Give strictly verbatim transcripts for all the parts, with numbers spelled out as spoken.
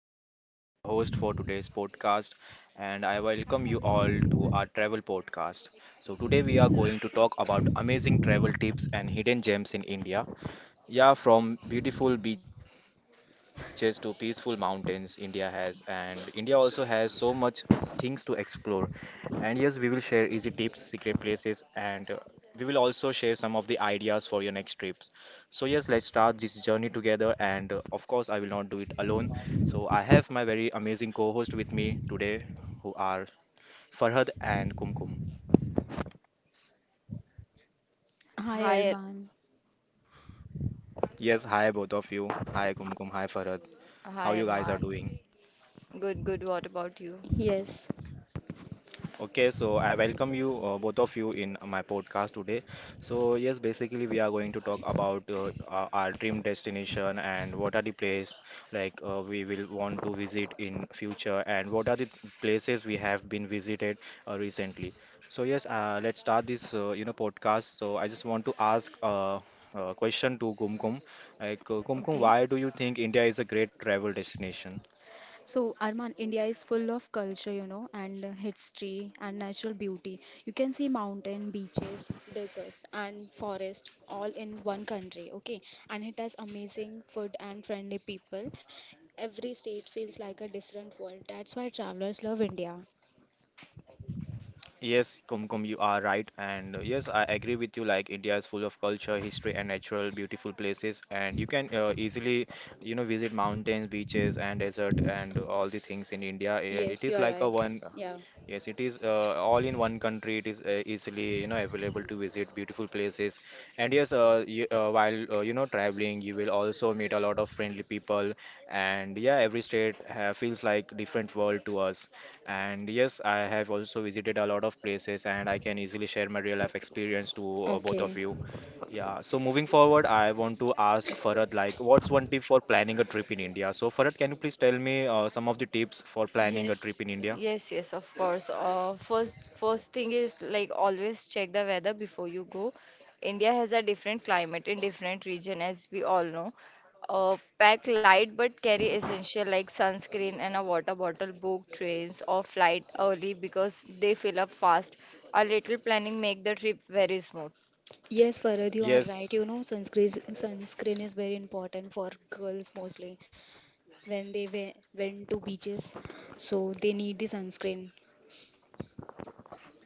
am Arman, the host for today's podcast, and I welcome you all to our travel podcast. So, today we are going to talk about amazing travel tips and hidden gems in India. Yeah, from beautiful beaches to peaceful mountains, India has, and India also has so much things to explore. And yes, we will share easy tips, secret places, and uh, we will also share some of the ideas for your next trips. So, yes, let's start this journey together. And uh, of course, I will not do it alone. So, I have my very amazing co host with me today, who are Farhad and Kumkum. Hi Hi, Arman. Yes, hi, both of you. Hi, Kumkum. Hi, Farhad. hi, How you guys are Arman. doing? Good, good. What about you? Yes. Okay, so I welcome you, uh, both of you, in my podcast today. So, yes, basically, we are going to talk about uh, our our dream destination and what are the place like uh, we will want to visit in future and what are the th- places we have been visited uh, recently. So, yes, uh, let's start this, uh, you know, podcast. So, I just want to ask uh, a question to Kumkum. Like, uh, Kumkum, Okay. why do you think India is a great travel destination? So Arman, India is full of culture, you know, and uh, history and natural beauty. You can see mountain, beaches, deserts, and forest all in one country. Okay. And it has amazing food and friendly people. Every state feels like a different world. That's why travelers love India. Yes, Kumkum, you are right. And uh, yes, I agree with you. Like India is full of culture, history, and natural beautiful places. And you can uh, easily, you know, visit mountains, beaches, and desert, and all the things in India. I- It Yes, is you are like a right. one. Yeah. Yes, it is uh, all in one country. It is uh, easily, you know, available to visit beautiful places. And yes, uh, you, uh, while uh, you know traveling, you will also meet a lot of friendly people. And yeah, every state ha feels like different world to us. And yes, I have also visited a lot of places, and I can easily share my real life experience to uh, both of Okay. you. Yeah. So moving forward, I want to ask Farad, like, what's one tip for planning a trip in India? So Farad, can you please tell me uh, some of the tips for planning a trip Yes, in India? yes, yes, of course. Uh, first, first thing is like always check the weather before you go. India has a different climate in different region, as we all know. Uh, pack light but carry essential like sunscreen and a water bottle. Book trains or flight early because they fill up fast. A little planning make the trip very smooth. Yes, Farad, you are right. You Yes. know, sunscreen sunscreen is very important for girls mostly. When they we- went to beaches, so they need the sunscreen.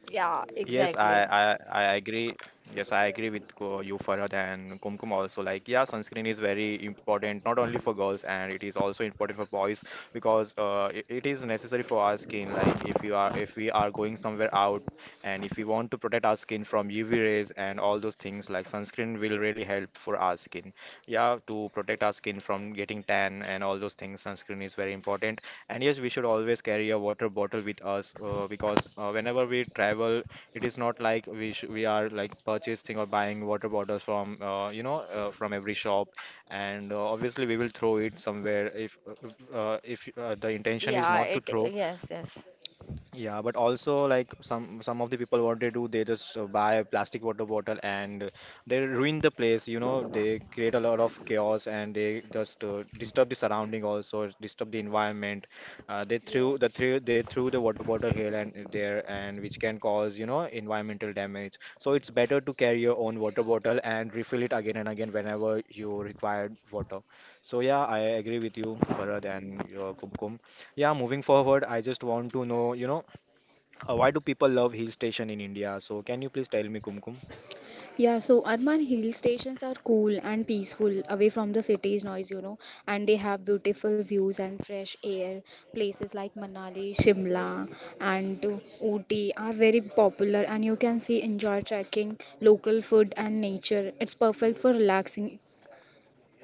Yeah, Yes, I, exactly. I I agree. Yes, I agree with Ko- you, Farhad and Kumkum also. Like, yeah, sunscreen is very important, not only for girls, and it is also important for boys because uh, it, it is necessary for our skin. Like, if you are if we are going somewhere out and if we want to protect our skin from U V rays and all those things, like sunscreen will really help for our skin. Yeah, to protect our skin from getting tan and all those things, sunscreen is very important. And yes, we should always carry a water bottle with us uh, because uh, whenever we travel it is not like we sh we are like purchasing or buying water bottles from uh, you know uh, from every shop, and uh, obviously we will throw it somewhere if uh, uh, if uh, the intention is Yeah, not to it, throw, yes, yes. yeah, but also like some some of the people what they do, they just uh, buy a plastic water bottle and they ruin the place. You know, they create a lot of chaos and they just uh, disturb the surrounding also, disturb the environment. Uh, they threw the Yes. threw they threw the water bottle here and there, and which can cause you know environmental damage. So it's better to carry your own water bottle and refill it again and again whenever you require water. So yeah, I agree with you, Farad and uh, Kumkum. Yeah, moving forward, I just want to know, you know. Uh, why do people love hill station in India? So can you please tell me, Kumkum? Yeah, so urban hill stations are cool and peaceful, away from the city's noise, you know, and they have beautiful views and fresh air. Places like Manali, Shimla, and Ooty are very popular, and you can see enjoy trekking, local food, and nature. It's perfect for relaxing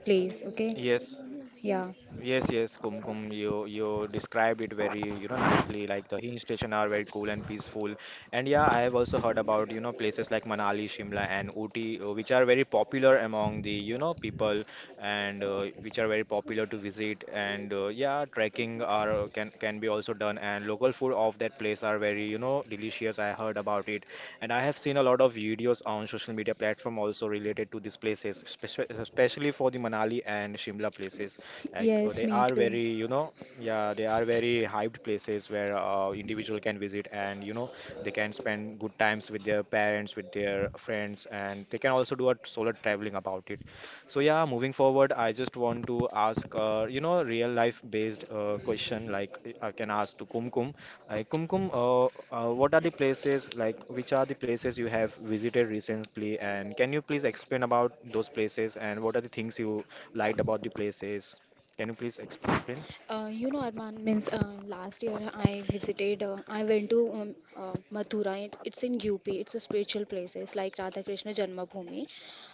place, okay? Yes, Yeah. Yes, yes, Kumkum, you you described it very, you know, nicely. Like the hill station are very cool and peaceful. And yeah, I have also heard about, you know, places like Manali, Shimla, and Ooty, uh, which are very popular among the, you know, people and uh, which are very popular to visit. And uh, yeah, trekking are uh, can can be also done. And local food of that place are very, you know, delicious. I heard about it. And I have seen a lot of videos on social media platform also related to these places, spec- especially for the Manali and Shimla places. Like uh, Yes, they me are too. very, you know, yeah, they are very hyped places where uh, individual can visit and you know they can spend good times with their parents, with their friends, and they can also do a solo traveling about it. So yeah, moving forward, I just want to ask, uh, you know, real life based uh, question like uh, I can ask to Kumkum. Like Kumkum, uh, uh, what are the places like which are the places you have visited recently, and can you please explain about those places and what are the things you liked about the places? Can you please explain? Uh, you know, Arman means uh, last year I visited, uh, I went to um, uh, Mathura. It, it's in U P. It's a spiritual place. It's like Radha Krishna Janmabhoomi.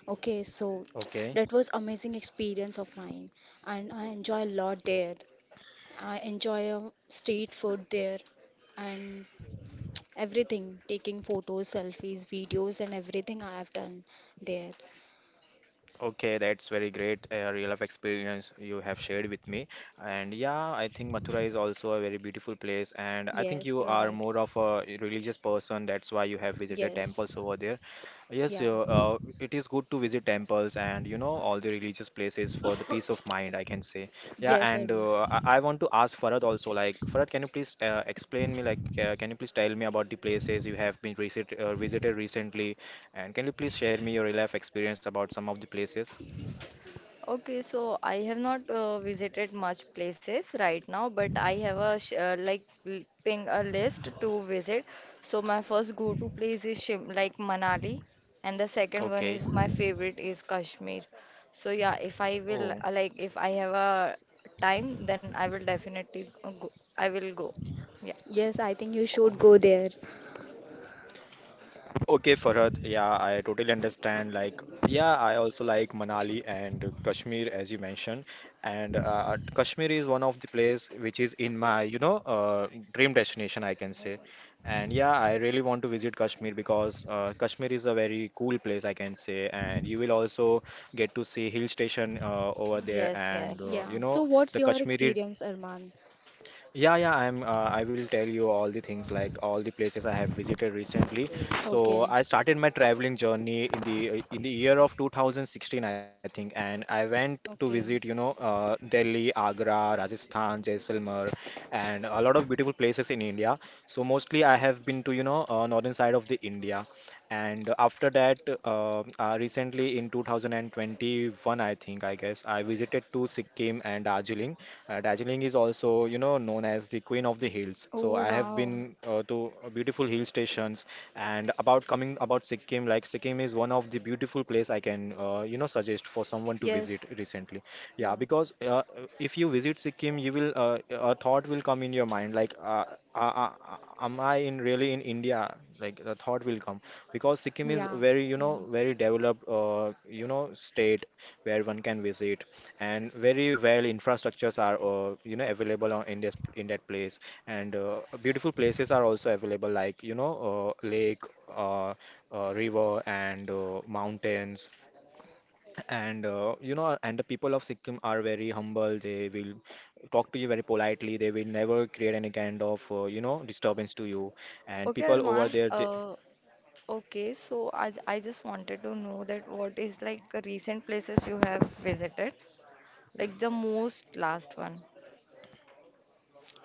Okay, so Okay. that was amazing experience of mine, and I enjoy a lot there. I enjoy uh, street food there, and everything, taking photos, selfies, videos, and everything I have done there. Okay, that's very great uh, real life experience you have shared with me. And yeah, I think Mathura is also a very beautiful place. And I think Yes, you you are are right. more of a religious person. That's why you have visited Yes, temples over there. Yes, yeah, you- uh, It is good to visit temples and you know all the religious places for the peace of mind, I can say. Yeah, yes, and Arman. uh, I, I want to ask Farad also. Like, Farad, can you please uh, explain me? Like, uh, can you please tell me about the places you have been visit, uh, visited recently? And can you please share me your real life experience about some of the places? Okay, so I have not uh, visited much places right now, but I have a sh uh, like l- ping a list to visit. So my first go-to place is Shim like Manali, and the second one Okay. is my favorite is Kashmir. So yeah, if I will Oh. uh, like if I have a time, then I will definitely uh, go. I will go. Yeah. Yes, I think you should Oh, go there. okay, Farhad. Yeah, I totally understand. Like, yeah, I also like Manali and Kashmir, as you mentioned. And uh, Kashmir is one of the place which is in my, you know, uh, dream destination, I can say. And yeah, I really want to visit Kashmir because uh, Kashmir is a very cool place, I can say. And you will also get to see hill station uh, over there, Yes, yes. and uh, Yeah. you know, So what's the your Kashmiri. experience, Arman? Yeah, yeah, I'm uh, I will tell you all the things like all the places I have visited recently. So Okay. I started my traveling journey in the uh, in the year of two thousand sixteen, I think, and I went to visit, Okay. you know, uh, Delhi, Agra, Rajasthan, Jaisalmer, and a lot of beautiful places in India. So mostly I have been to, you know, uh, northern side of the India. And after that, uh, uh, recently in two thousand twenty-one, I think, I guess, I visited to Sikkim and Darjeeling. Uh, Darjeeling is also, you know, known as the Queen of the Hills. So Oh I have wow. been uh, to beautiful hill stations. And about coming about Sikkim, like Sikkim is one of the beautiful place I can, uh, you know, suggest for someone to visit Yes. recently. Yeah, Yeah. because uh, uh, if you visit Sikkim, you will uh, a thought will come in your mind like, uh, uh, uh, am I in really in India? Like the thought will come because Sikkim is Yeah. very, you know, Mm. very developed, uh, you know, state where one can visit, and very well infrastructures are, uh, you know, available on, in this in that place, and uh, beautiful places are also available, like you know, uh, lake, uh, uh, river, and uh, mountains, and uh, you know, and the people of Sikkim are very humble. They will talk to you very politely. They will never create any kind of, uh, you know, disturbance to you Okay, and people Arman. over there they, Uh, okay, so I, j- I just wanted to know that what is like the recent places you have visited? Like the most last one.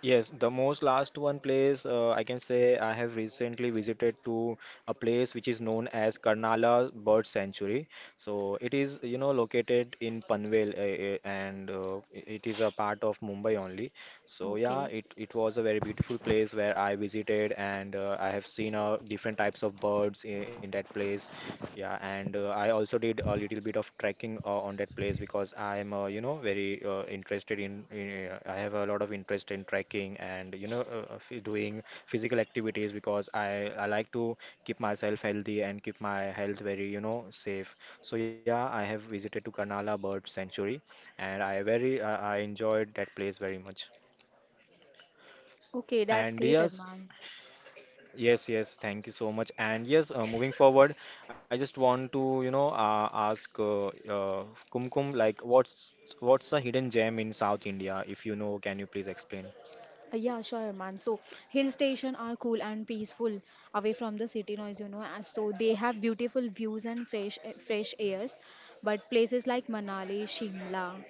Yes, the most last one place uh, I can say I have recently visited to a place which is known as Karnala Bird Sanctuary. So it is, you know, located in Panvel uh, uh, and uh, i- it is a part of Mumbai only. So yeah, Okay. it, it was a very beautiful place where I visited and uh, I have seen uh, different types of birds in, in that place. Yeah, and uh, I also did a little bit of trekking uh, on that place because I'm, uh, you know, very uh, interested in, in uh, I have a lot of interest in trekking and, you know, uh, uh, phy- doing physical activities because I, I like to keep myself healthy and keep my health very, you know, safe. So yeah, I have visited to Karnala Bird Sanctuary and I very, uh, I enjoyed that place very much. Okay, that's And great, yes, Arman. Yes, yes, thank you so much. And yes, uh, moving forward, I just want to, you know, uh, ask uh, uh, Kumkum, like, what's what's a hidden gem in South India? If you know, can you please explain? Uh, yeah, sure, Arman. So hill station are cool and peaceful away from the city noise, you know, and so they have beautiful views and fresh eh, fresh airs. But places like Manali, Shimla,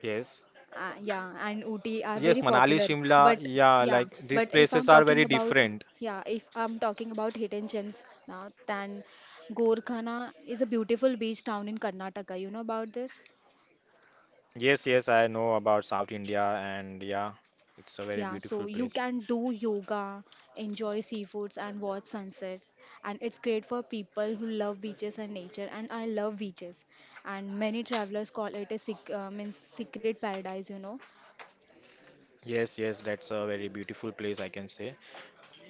Yes, Uh, yeah, and Ooty are yes, very Manali, popular. Shimla, But yeah, yeah, like these but if places I'm are talking very about different. yeah, if I'm talking about hidden gems now, then Gorkhana is a beautiful beach town in Karnataka. You know about this? Yes, yes, I know about South India, and yeah, it's a very Yeah, beautiful so you place. can do yoga, enjoy seafoods, and watch sunsets. And it's great for people who love beaches and nature. And I love beaches. And many travelers call it a sec- uh, means secret paradise. You know? Yes, yes, that's a very beautiful place, I can say.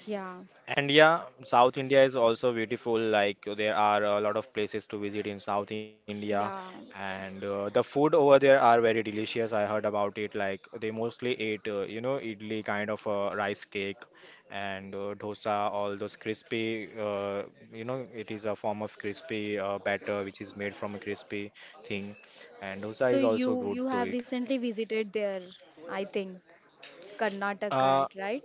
Yeah, And yeah, South India is also beautiful. Like there are a lot of places to visit in South India, yeah. and uh, the food over there are very delicious. I heard about it. Like they mostly eat, uh, you know, idli kind of uh, rice cake and uh, dosa, all those crispy. Uh, you know, it is a form of crispy uh, batter which is made from a crispy thing, and dosa So is also you good you to have it. recently visited there, I think, Uh, Karnataka, right?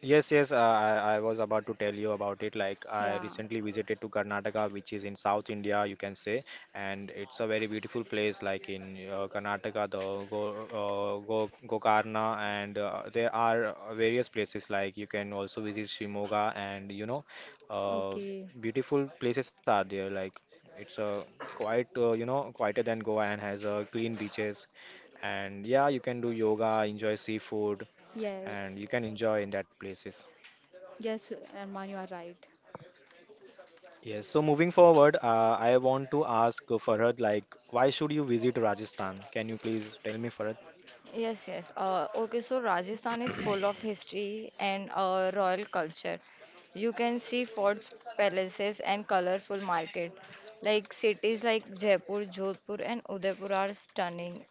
Yes, yes, uh, I, I was about to tell you about it. Like, I Yeah. recently visited to Karnataka, which is in South India, you can say, and it's a very beautiful place. Like in uh, Karnataka, the Go, uh, Go, Gokarna, and uh, there are uh, various places. Like, you can also visit Shimoga, and you know, uh, Okay. beautiful places are there. Like, it's a quite, uh, you know, quieter than Goa and has uh, clean beaches. And yeah, you can do yoga, enjoy seafood, Yes. and you can enjoy in that places. Yes, Arman, you are right. Yes, so moving forward, uh, I want to ask uh, Farhad, like, why should you visit Rajasthan? Can you please tell me, Farhad? Yes, yes. Uh, okay, so Rajasthan is full of history and uh, royal culture. You can see forts, palaces, and colorful market. Like cities like Jaipur, Jodhpur, and Udaipur are stunning.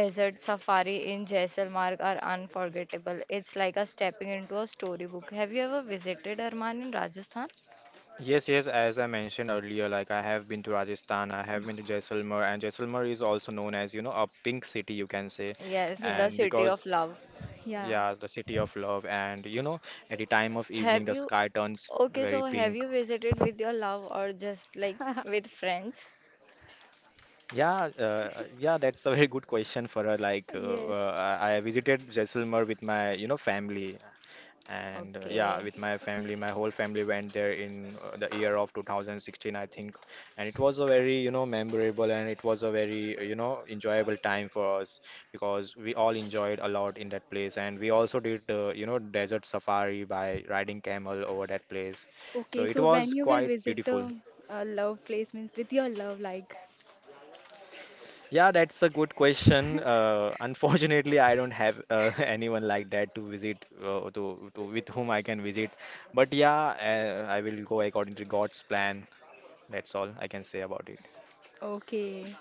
Desert safari in Jaisalmer are unforgettable. It's like a stepping into a storybook. Have you ever visited Arman in Rajasthan? Yes, yes, as I mentioned earlier, like I have been to Rajasthan, I have been to Jaisalmer, and Jaisalmer is also known as, you know, a pink city, you can say. Yes, the And Yes. city of because, love. Yeah. yeah, the city of love, and you know, at the time of evening, Have the you, sky turns okay, very so have pink. you visited with your love or just like with friends? Yeah, uh, yeah, that's a very good question for her. Like, uh, Yes. uh, I I visited Jaisalmer with my, you know, family. And uh, yeah, Okay. with my family, my whole family went there in uh, the year of two thousand sixteen, I think, and it was a very, you know, memorable, and it was a very uh, you know, enjoyable time for us, because we all enjoyed a lot in that place, and we also did uh, you know, desert safari by riding camel over that place, Okay. so So it when was you will quite visit beautiful. the uh, love place means with your love, like. Yeah, that's a good question. Uh, unfortunately, I don't have uh, anyone like that to visit uh, to, to with whom I can visit. But yeah, uh, I will go according to God's plan. That's all I can say about it. Okay.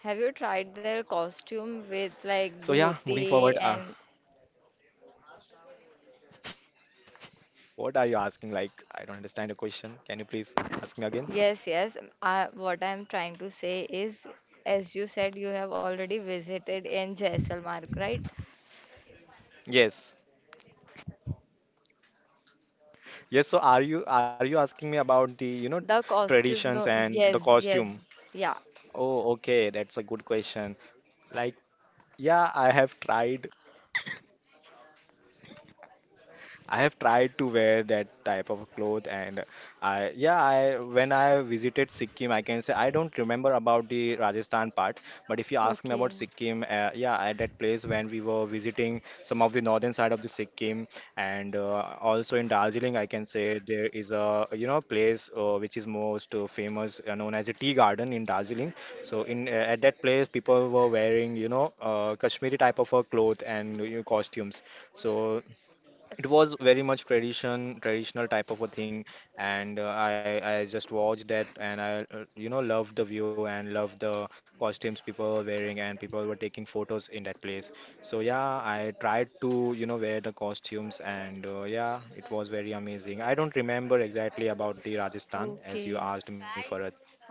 Have you tried their So costume yeah, with moving like forward, uh, dhoti and what are you asking? Like, I don't understand your question. Can you please ask me again? yes, yes. I, what I'm trying to say is, as you said, you have already visited in Jaisalmer, right? Yes. Yes, so are you are you asking me about the, you know, The costume, no, traditions and yes, the yes, costume? yeah. Oh, okay, that's a good question. Like, yeah, I have tried I have tried to wear that type of cloth, and I, yeah, I, when I visited Sikkim, I can say, I don't remember about the Rajasthan part, but if you ask me about Okay. Sikkim, uh, yeah, at that place, when we were visiting some of the northern side of the Sikkim, and uh, also in Darjeeling, I can say, there is a, you know, place uh, which is most uh, famous, uh, known as a tea garden in Darjeeling. So in uh, at that place, people were wearing, you know, uh, Kashmiri type of a cloth and, you know, costumes. So it was very much tradition traditional type of a thing, and uh, i i just watched that, and I, uh, you know, loved the view and loved the costumes people were wearing, and people were taking photos in that place. So yeah, I tried to, you know, wear the costumes, and uh, yeah, it was very amazing. I don't remember exactly about the Rajasthan as you Okay. asked me for.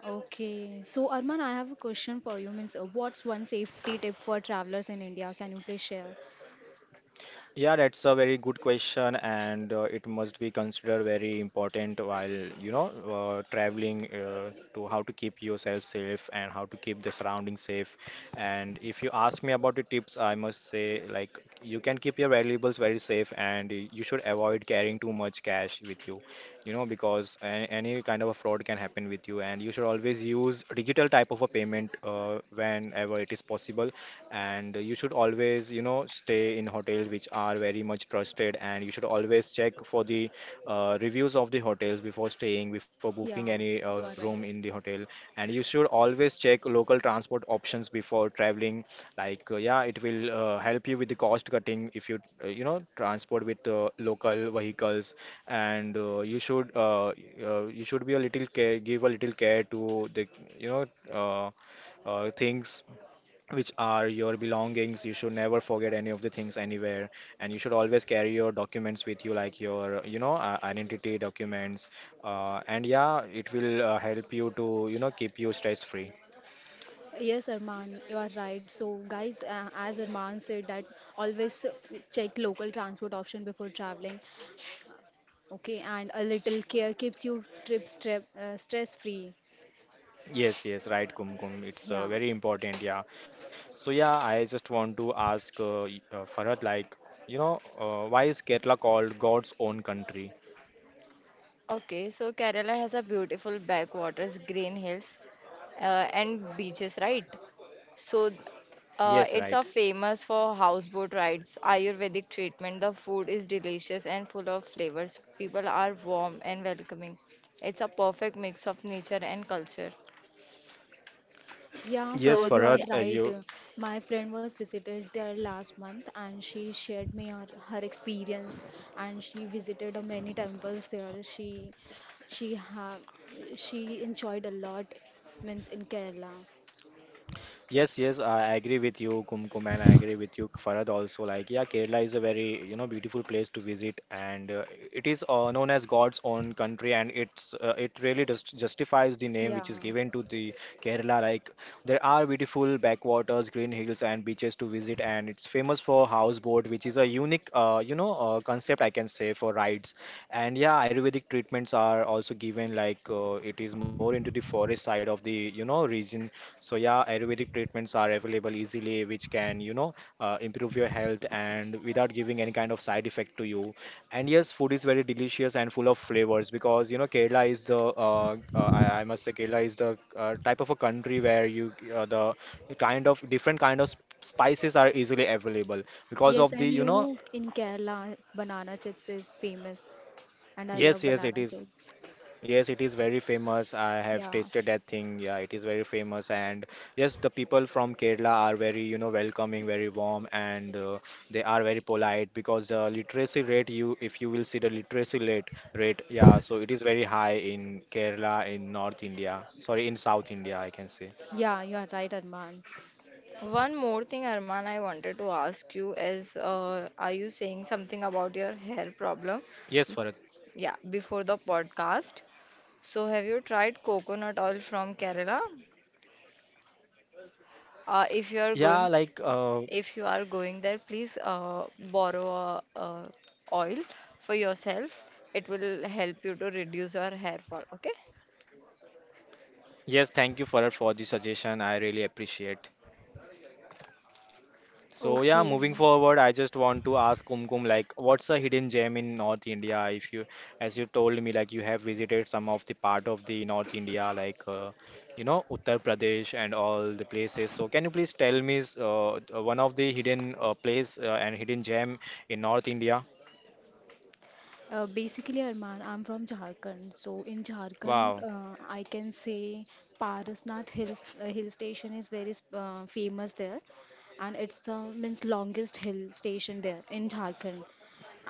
Okay. So Arman, I have a question for you. Means, uh, what's one safety tip for travelers in India? Can you please share? Yeah, that's a very good question, and uh, it must be considered very important while, you know, uh, traveling, uh, to how to keep yourself safe and how to keep the surroundings safe. And if you ask me about the tips, I must say, like, you can keep your valuables very safe, and y- you should avoid carrying too much cash with you, you know, because a any kind of a fraud can happen with you, and you should always use digital type of a payment uh, whenever it is possible, and you should always, you know, stay in hotels which are very much trusted, and you should always check for the uh, reviews of the hotels before staying, before booking Yeah, any you uh, are right. room in the hotel, and you should always check local transport options before traveling. Like, uh, yeah, it will uh, help you with the cost cutting if you uh, you know, transport with uh, local vehicles. And uh, you should uh, uh, you should be a little care give a little care to the, you know, uh, uh, things which are your belongings. You should never forget any of the things anywhere, and you should always carry your documents with you, like your, you know, uh, identity documents. Uh, and yeah, it will uh, help you to, you know, keep you stress free. Yes, Arman, you are right. So, guys, uh, as Arman said, that always check local transport option before traveling. Okay, and a little care keeps you trip strep uh, stress free. Yes, yes, right, Kumkum. It's Yeah, uh, very important, yeah. So yeah, I just want to ask uh, y- uh, Farhad, like, you know, uh, why is Kerala called God's own country? Okay, so Kerala has a beautiful backwaters, green hills, uh, and beaches, right? So, Yes, uh, it's right. a famous for houseboat rides, Ayurvedic treatment. The food is delicious and full of flavors. People are warm and welcoming. It's a perfect mix of nature and culture. yeah, Yes, So, Farad, you are Farhad, yeah, uh, right. you. Uh, My friend was visited there last month, and she shared me her, her experience. And she visited uh, many temples there. She, she have, she enjoyed a lot, means in Kerala. Yes, yes, I agree with you, Kumkum, and I agree with you, Farad, also. Like, yeah, Kerala is a very, you know, beautiful place to visit, and uh, it is uh, known as God's own country, and it's uh, it really just justifies the name Yeah. which is given to the Kerala. Like, there are beautiful backwaters, green hills, and beaches to visit, and it's famous for houseboat, which is a unique, uh, you know, uh, concept I can say for rides. And yeah, Ayurvedic treatments are also given. Like, uh, it is more into the forest side of the, you know, region. So yeah, Ayurvedic treatments are available easily, which can, you know, uh, improve your health and without giving any kind of side effect to you. And yes, food is very delicious and full of flavors because, you know, Kerala is the, uh, uh, I, I must say, Kerala is the uh, type of a country where you, uh, the kind of different kind of sp- spices are easily available because Yes, of the, and you you know, know, in Kerala, banana chips is famous, and I love yes, yes, it banana is. chips. Yes, it is very famous. I have Yeah, tasted that thing. Yeah, it is very famous. And yes, the people from Kerala are very, you know, welcoming, very warm, and uh, they are very polite, because the literacy rate, you, if you will see the literacy rate, rate, yeah, so it is very high in Kerala, in North India, sorry, in South India, I can say. yeah, you are right, Arman. one more thing, Arman, I wanted to ask you is, uh, are you saying something Yes, about your Farad. hair problem? Yeah, before the podcast. So, have you tried coconut oil from Kerala? Uh, if Yeah, you are like, going uh, if you are going there, please uh, borrow uh, uh, oil for yourself. It will help you to reduce your hair fall. Okay. yes, thank you, Farad, for the suggestion. I really appreciate. So yeah, moving Okay, forward, I just want to ask Kumkum, like, what's a hidden gem in North India? If you, as you told me, like you have visited some of the part of the North India, like uh, you know, Uttar Pradesh and all the places. So can you please tell me s- uh, uh, one of the hidden uh, place uh, and hidden gem in North India? Uh, basically, Arman, I'm from Jharkhand. So in Jharkhand, Wow. uh, I can say Parasnath Hill, uh, hill station is very s- uh, famous there, and it's uh, means longest hill station there in Jharkhand.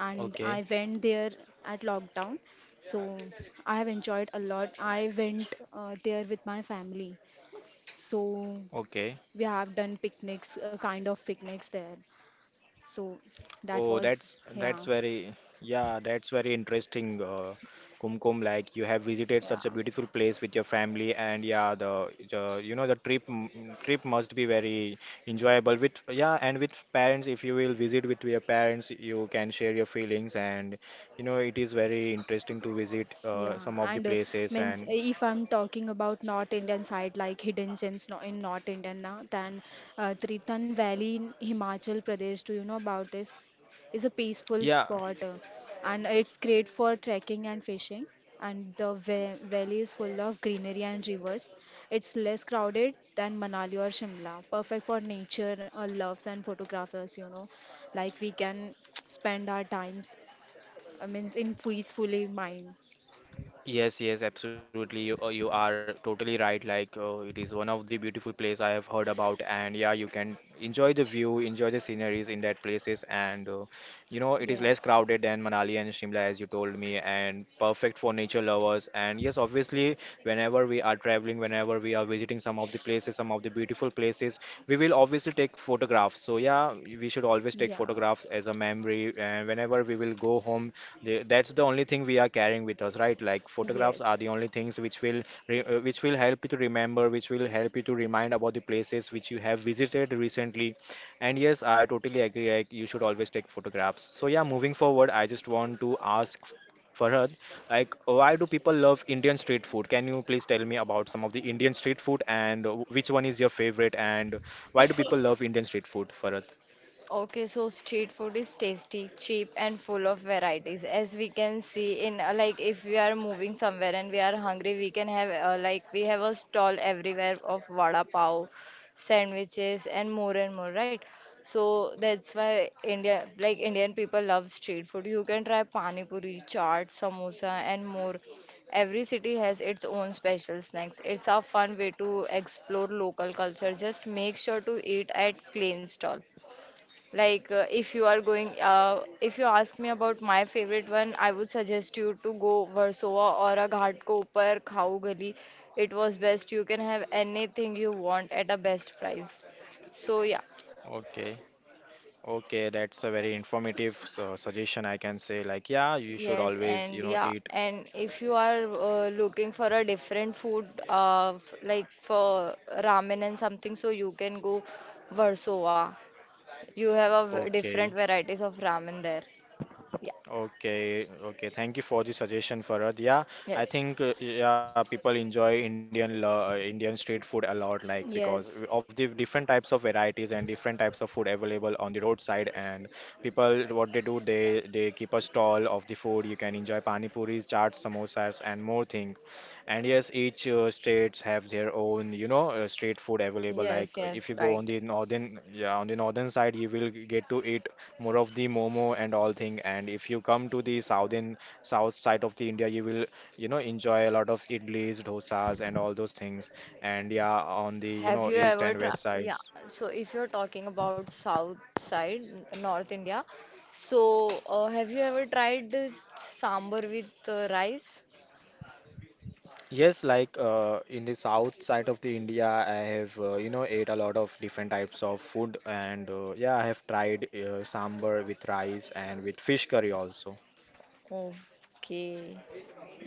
And I Okay. went there at lockdown, so I have enjoyed a lot. I went uh, there with my family, so Okay. we have done picnics, uh, kind of picnics there. So that Oh, was that's that's Yeah, very, yeah, that's very interesting, uh, Kumkum. Like you have visited yeah. such a beautiful place with your family, and yeah, the, the, you know, the trip m- m- trip must be very enjoyable with, yeah, and with parents. If you will visit with your parents, you can share your feelings, and you know it is very interesting to visit uh, Yeah, some of the and uh, places, means uh, and if I'm talking about North Indian side, like hidden gems no- in North Indian, na, then uh, Tritan Valley in Himachal Pradesh, do you know about this? Is a peaceful yeah. spot, uh, and it's great for trekking and fishing. And the va valley is full of greenery and rivers. It's less crowded than Manali or Shimla, perfect for nature uh, loves and photographers, you know. Like we can spend our times, I means in peacefully mind. Yes, yes, absolutely. You, uh, you are totally right. Like, uh, it is one of the beautiful place I have heard about, and yeah, you can enjoy the view, enjoy the sceneries in that places, and uh, you know, it is less Yes. crowded than Manali and Shimla, as you told me, and perfect for nature lovers. And yes, obviously, whenever we are traveling, whenever we are visiting some of the places, some of the beautiful places, we will obviously take photographs. So yeah, we should always take Yeah. photographs as a memory, and whenever we will go home, the- that's the only thing we are carrying with us, right? Like photographs are Yes. the only things which will re uh, which will help you to remember, which will help you to remind about the places which you have visited recently. And yes, I totally agree. Like you should always take photographs. So yeah, moving forward, I just want to ask Farhad, like, why do people love Indian street food? Can you please tell me about some of the Indian street food, and uh, which one is your favorite, and why do people love Indian street food, Farhad? Okay, so street food is tasty, cheap, and full of varieties. As we can see in uh, like if we are moving somewhere and we are hungry, we can have uh, like we have a stall everywhere of vada pav, sandwiches, and more and more, right? So that's why India like Indian people love street food. You can try pani puri, chaat, samosa, and more. Every city has its own special snacks. It's a fun way to explore local culture. Just make sure to eat at clean stall. Like, uh, if you are going, uh, if you ask me about my favorite one, I would suggest you to go Versova or a Ghatkopar Khau Gali. It was best. You can have anything you want at a best price. So, yeah. Okay. Okay, that's a very informative su- suggestion, I can say. Like, yeah, you should Yes, always, and you know, yeah, eat. and if you are uh, looking for a different food, uh, f- like for ramen and something, so you can go Versova. You have a v- different Okay. varieties of ramen there. Yeah, Okay, okay. Thank you for the suggestion, Farad. Yeah, I yes, think uh, yeah, people enjoy Indian lo- uh, Indian street food a lot, like because Yes. of the different types of varieties and different types of food available on the roadside. And people, what they do, they they keep a stall of the food. You can enjoy pani puris, chaat, samosas, and more things. And yes, each uh, states have their own, you know, uh, street food available. Like yes, uh, if you yes, go on right. the northern, yeah, on the northern side, you will get to eat more of the momo and all thing. And if you come to the southern south side of the India, you will you know enjoy a lot of idlis, dosas, and all those things. And yeah, on the you Have know you east ever and tried? west Yeah, sides. so if you're talking about south side, n- North India, so uh, have you ever tried this sambar with uh, rice? Yes, like uh, in the south side of the India, I have uh, you know ate a lot of different types of food, and uh, yeah, I have tried uh, sambar with rice and with fish curry also. Okay,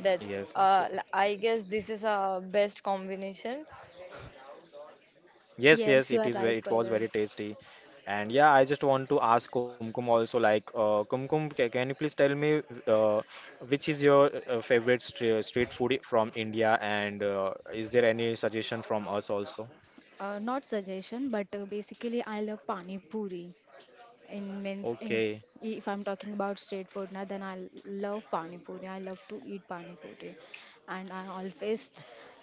that's Yes, uh, so l- I guess this is a best combination. yes, yes, it Yes, is you are very, it right, was very Paral. tasty. And yeah, I just want to ask Kumkum also like uh, Kumkum, ca- can you please tell me uh, which is your uh, favorite street, street food i- from India and uh, is there any suggestion from us also? Uh, not suggestion, but uh, basically, I love pani puri. In means, in, Okay, if I'm talking about street food now, then I love pani puri. I love to eat pani puri, and I always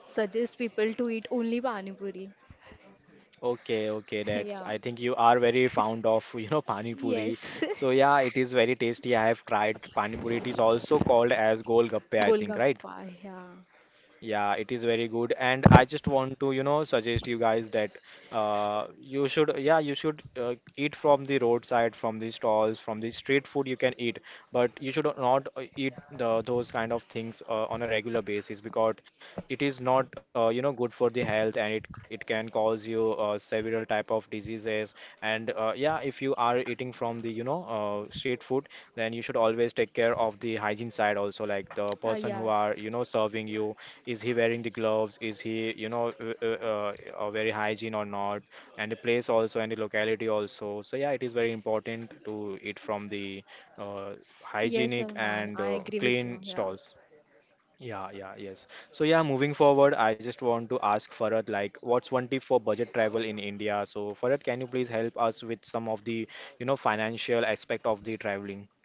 suggest people to eat only pani puri. okay, okay. That's Yeah. I think you are very fond of, you know, pani puri. Yes. So yeah, it is very tasty. I have tried pani puri. It is also called as golgappe, I think, right? Golgappa. Yeah. Yeah, it is very good, and I just want to, you know, suggest you guys that uh, you should, yeah, you should uh, eat from the roadside, from the stalls, from the street food you can eat, but you should not uh, eat the, those kind of things uh, on a regular basis because it is not, uh, you know, good for the health, and it it can cause you uh, several type of diseases. And uh, yeah, if you are eating from the, you know, uh, street food, then you should always take care of the hygiene side also, like the Uh, person who are, Yes. you know, serving you is he wearing the gloves, is he you know uh, uh, uh, uh, very hygiene or not, and the place also and the locality also. So yeah, it is very important to eat from the uh, Yes, hygienic Salman. and I uh, agree with you. clean Yeah. stalls. Yeah, yeah, yes. So yeah, moving forward, I just want to ask Farad like, what's one tip for budget travel in India? So Farad, can you please help us with some of the, you know, financial aspect of the traveling?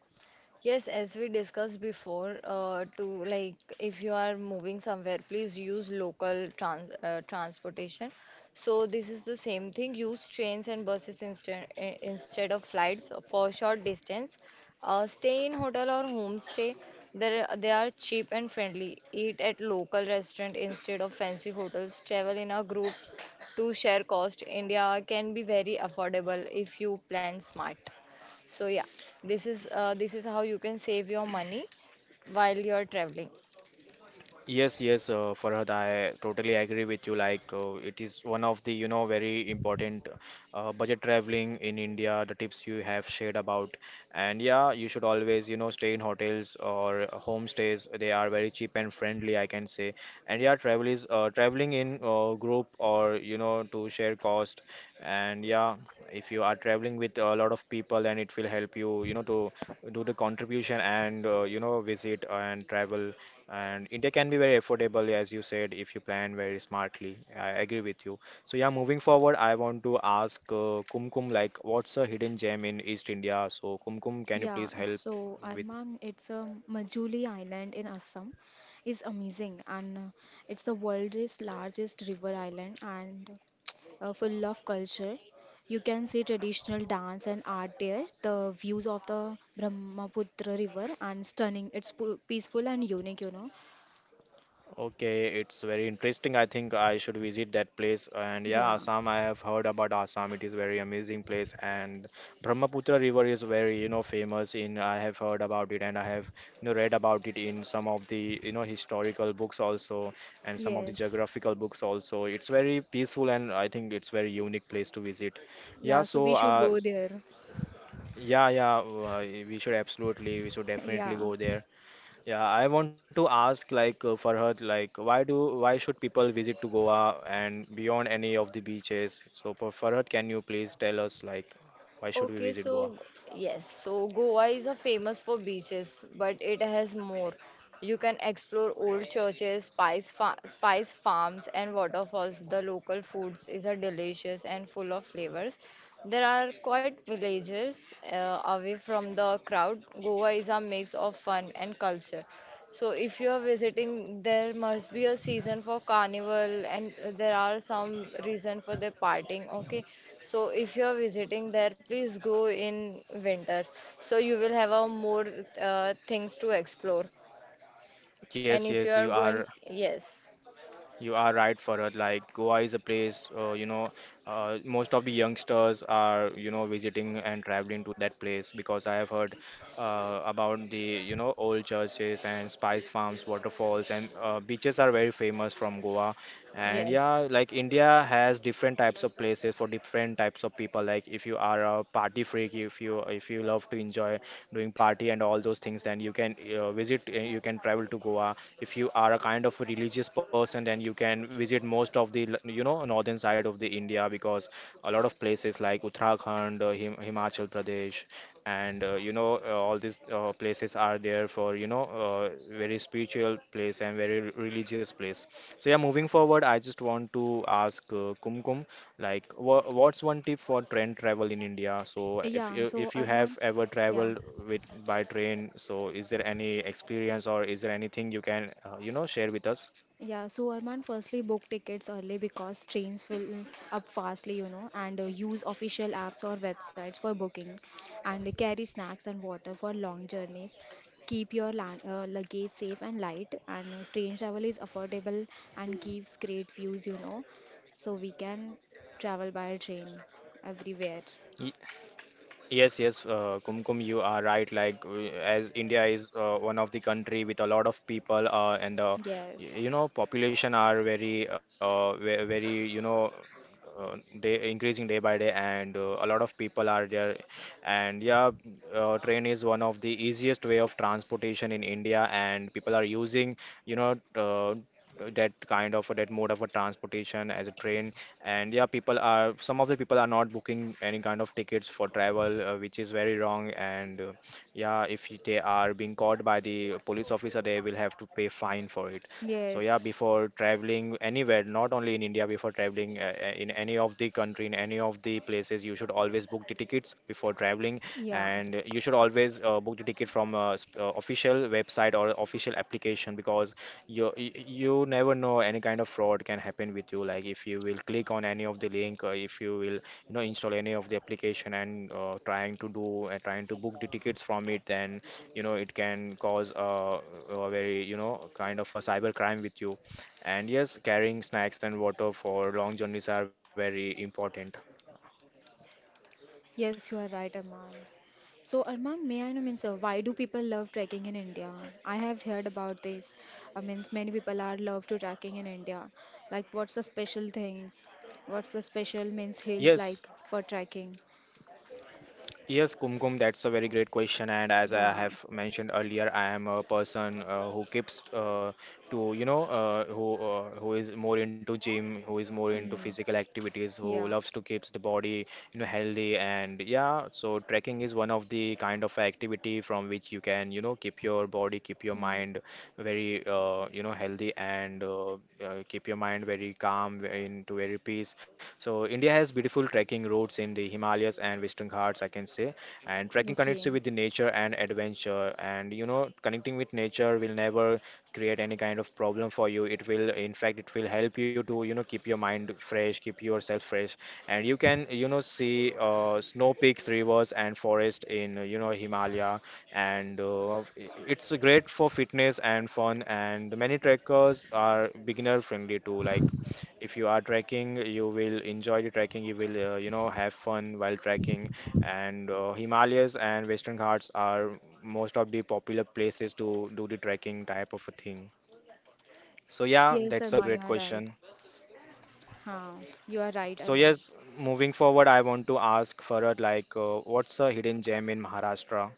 Yes, as we discussed before, uh, to like if you are moving somewhere, please use local trans uh, transportation. So this is the same thing. Use trains and buses instead i- instead of flights for short distance. Uh, stay in hotel or homestay. There they are cheap and friendly. Eat at local restaurant instead of fancy hotels. Travel in a groups to share cost. India can be very affordable if you plan smart. So yeah, this is uh, this is how you can save your money while you're traveling. Yes, yes, uh, Farhad, I totally agree with you. Like, uh, it is one of the, you know, very important uh, budget traveling in India, the tips you have shared about. And yeah, you should always, you know, stay in hotels or homestays. They are very cheap and friendly, I can say. And yeah, travel is uh, traveling in uh, group or, you know, to share cost. And yeah, if you are traveling with a lot of people, and it will help you, you know, to do the contribution and, uh, you know, visit and travel, and India can be very affordable, as you said, if you plan very smartly. I agree with you. So yeah, moving forward, I want to ask uh, Kumkum, like, what's a hidden gem in East India? So Kumkum, can you please Yeah, help so with? Arman, it's a Majuli Island in Assam, is amazing, and uh, it's the world's largest river island and uh, full of culture. You can see traditional dance and art there. The views of the Brahmaputra River and stunning. It's pu- peaceful and unique, you know. Okay, it's very interesting. I think I should visit that place. And yeah, Yeah. Assam, I have heard about Assam. It is very amazing place. And Brahmaputra River is very, you know, famous in. I have heard about it, and I have, you know, read about it in some of the, you know, historical books also, and some of the Yes. geographical books also. It's very peaceful, and I think it's very unique place to visit. Yeah, Yeah. So so we should uh, go there. yeah, yeah, uh, we should absolutely, we should definitely Yeah. go there. Yeah, I want to ask like uh, Farhad, like why do why should people visit to Goa and beyond any of the beaches? So for Farhad, can you please tell us like why should we Okay, visit so Goa? yes, so Goa is a famous for beaches, but it has more. You can explore old churches, spice fa spice farms, and waterfalls. The local foods is a delicious and full of flavors. There are quite villages uh, away from the crowd. Goa is a mix of fun and culture. So if you are visiting, there must be a season for carnival and uh, there are some reason for the partying, okay? So if you are visiting there, please go in winter. So you will have a more uh, things to explore. And Yes, if you yes, are you are. going, yes, You are right, Farhad. Like Goa is a place, uh, you know, uh, most of the youngsters are, you know, visiting and traveling to that place because I have heard uh, about the, you know, old churches and spice farms, waterfalls, and uh, beaches are very famous from Goa. And yes, yeah, like India has different types of places for different types of people. Like if you are a party freak, if you if you love to enjoy doing party and all those things, then you can uh, visit, uh, you can travel to Goa. If you are a kind of a religious person, then you can visit most of the l- you know, northern side of the India, because a lot of places like Uttarakhand, uh, Him Himachal Pradesh, and uh, you know, uh, all these uh, places are there for, you know, uh, very spiritual place and very religious place. So yeah, moving forward, I just want to ask uh, Kumkum. Like, wha- what's one tip for train travel in India? So, if Yeah. you So if you Arman. have ever Yeah. traveled with by train, so is there any experience or is there anything you can uh, you know, share with us? Yeah, so Arman, firstly, book tickets early because trains fill up fastly, you know, and uh, use official apps or websites for booking, and carry snacks and water for long journeys. Keep your la uh, luggage safe and light, and uh, train travel is affordable and gives great views, you know, so we can travel by train everywhere. Yes, yes, uh, Kumkum, you are right. Like, w- as India is uh, one of the country with a lot of people, uh, and uh, y- Yes, you know, population are very, uh, ve- very, you know, uh, day, increasing day by day, and uh, a lot of people are there. And yeah, uh, train is one of the easiest way of transportation in India, and people are using, you know, uh, that kind of, that mode of a transportation as a train. And yeah, people are, some of the people are not booking any kind of tickets for travel, uh, which is very wrong. And uh, yeah, if y- they are being caught by the police officer, they will have to pay fine for it. So yeah, yes, before traveling anywhere, not only in India, before traveling uh, uh, in any of the country, in any of the places, you should always book the tickets before traveling. yeah. And you should always uh, book the ticket from a sp- uh, official website or official application, because you you never know, any kind of fraud can happen with you. Like if you will click on any of the link, or if you will, you know, install any of the application and uh, trying to do and trying to book the tickets from it, then you know it can cause a, a very, you know, kind of a cyber crime with you. And yes, carrying snacks and water for long journeys are very important. Yes, you are right, Arman. So, Arman, may I know means uh, why do people love trekking in India? I have heard about this. I means many people are love to trekking in India. Like, what's the special things? What's the special means hills Yes. like for trekking? Yes, Kumkum, that's a very great question. And as I Yeah. have mentioned earlier, I am a person uh, who keeps uh, to, you know, uh, who uh, who is more into gym, who is more into Hmm. physical activities, who Yeah. loves to keeps the body, you know, healthy. And yeah, so trekking is one of the kind of activity from which you can, you know, keep your body, keep your Hmm. mind very, uh, you know, healthy, and uh, uh, keep your mind very calm, very into very peace. So India has beautiful trekking routes in the Himalayas and Western Ghats, I can say. And trekking connects Okay. you with the nature and adventure. And you know, connecting with nature will never create any kind of problem for you. It will, in fact, it will help you to, you know, keep your mind fresh, keep yourself fresh, and you can, you know, see uh, snow peaks, rivers, and forest in, uh, you know, Himalaya. And uh, i- it's great for fitness and fun. And many trekkers are beginner friendly too. Like if you are trekking, you will enjoy the trekking. You will, uh, you know, have fun while trekking. And uh, Himalayas and Western Ghats are most of the popular places to do the trekking type of a thing. So yeah, Yes, that's a Arman, you great are right. question. Huh. You are right, So Arman. yes, moving forward, I want to ask Farad like, uh, what's a hidden gem in Maharashtra?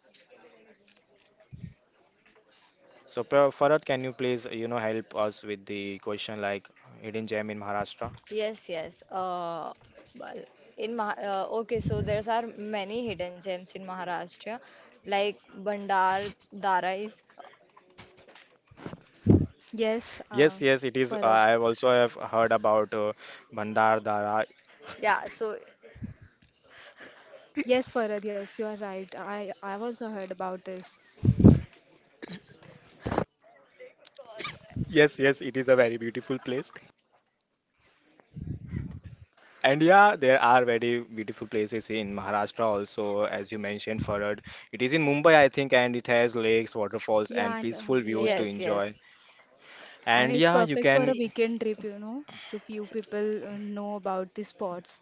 So Par- Farad, can you please, you know, help us with the question like hidden gem in Maharashtra? yes, yes. Uh, well, in Mah uh, okay, so there are many hidden gems in Maharashtra, like Bandar Darais. Yes, uh, Yes, yes, it is. Farad. I have also have heard about uh, Bhandar Dara. Yeah, so Yes, Farad. Yes, you are right. I I also heard about this. Yes, yes, it is a very beautiful place. And yeah, there are very beautiful places in Maharashtra also, as you mentioned, Farad. It is in Mumbai, I think, and it has lakes, waterfalls, Yeah, and and uh, peaceful views to yes, yes. enjoy. yes. And And it's yeah, you perfect for a can. Y- weekend trip, you know. So few people uh, know about the spots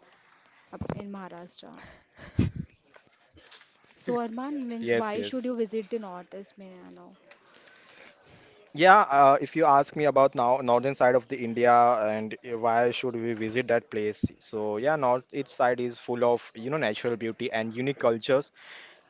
up in Maharashtra. So Arman means Yes, why should you yes. visit the northeast, may I know? Yeah, uh, if you ask me about now northern side of the India and uh, why should we visit that place? So yeah, north east side is full of, you know, natural beauty and unique cultures.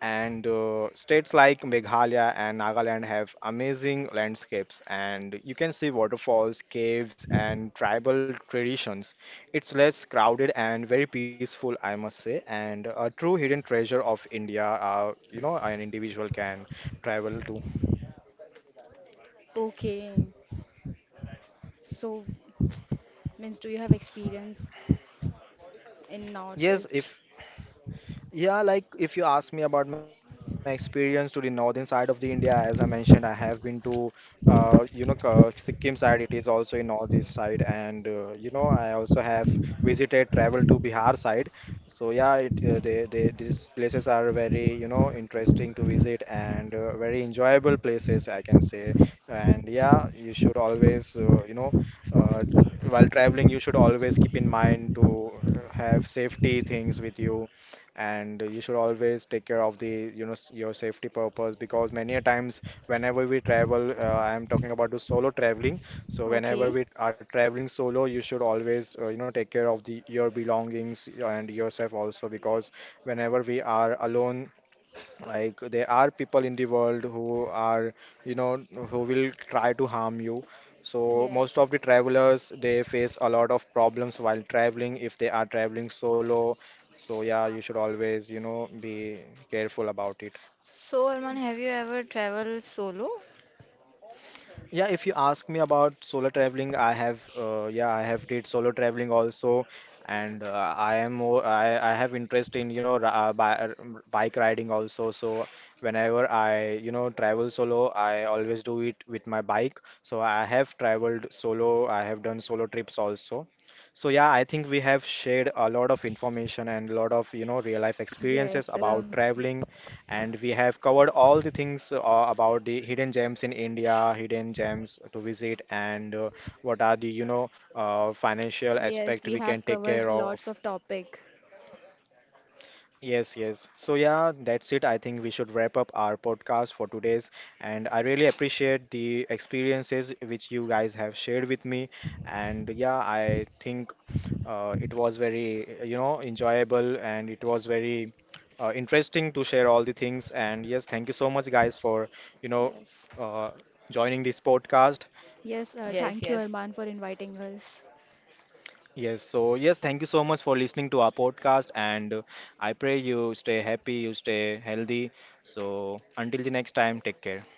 And uh, states like Meghalaya and Nagaland have amazing landscapes, and you can see waterfalls, caves, and tribal traditions. It's less crowded and very peaceful, I must say, and a true hidden treasure of India, uh, you know, an individual can travel to. Okay. So means do you have experience in Yes, northeast? if yeah, like if you ask me about my experience to the northern side of the India, as I mentioned, I have been to, uh, you know, uh, Sikkim side. It is also in northeast side, and uh, you know, I also have visited, traveled to Bihar side. So yeah, it uh, they, they these places are very, you know, interesting to visit, and uh, very enjoyable places, I can say. And yeah, you should always uh, you know, uh, while traveling you should always keep in mind to uh, have safety things with you, and you should always take care of the, you know, s- your safety purpose, because many a times whenever we travel, uh, I am talking about the solo traveling. So whenever Okay. we are traveling solo, you should always uh, you know, take care of the your belongings and yourself also, because whenever we are alone, like there are people in the world who are, you know, who will try to harm you. So most Yes. of the travelers, they face a lot of problems while traveling if they are traveling solo. So yeah, you should always, you know, be careful about it. So, Y- Arman, have you ever traveled solo? Yeah, if you ask me about solo traveling, I have uh, yeah, I have did solo traveling also, and uh, I am more I, I have interest in, you know, ri- uh, bi uh, bike riding also. So whenever I, you know, travel solo, I always do it with my bike. So I have traveled solo. I have done solo trips also. So yeah, I think we have shared a lot of information and a lot of, you know, real life experiences Yes. Um about traveling, and we have covered all the things, uh, about the hidden gems in India, hidden gems to visit, and uh, what are the, you know, uh, financial yes, aspect we we have can take covered care of. lots of topic. Yes, yes. So yeah, that's it. I think we should wrap up our podcast for today's. And I really appreciate the experiences which you guys have shared with me. And yeah, I think uh, it was very, you know, enjoyable, and it was very uh, interesting to share all the things. And yes, thank you so much, guys, for, you know, Yes. uh, joining this podcast. Yes, uh, Yes, thank you yes. Arman for inviting us. Yes, so yes, thank you so much for listening to our podcast. And uh, I pray you stay happy, you stay healthy. So until the next time, take care.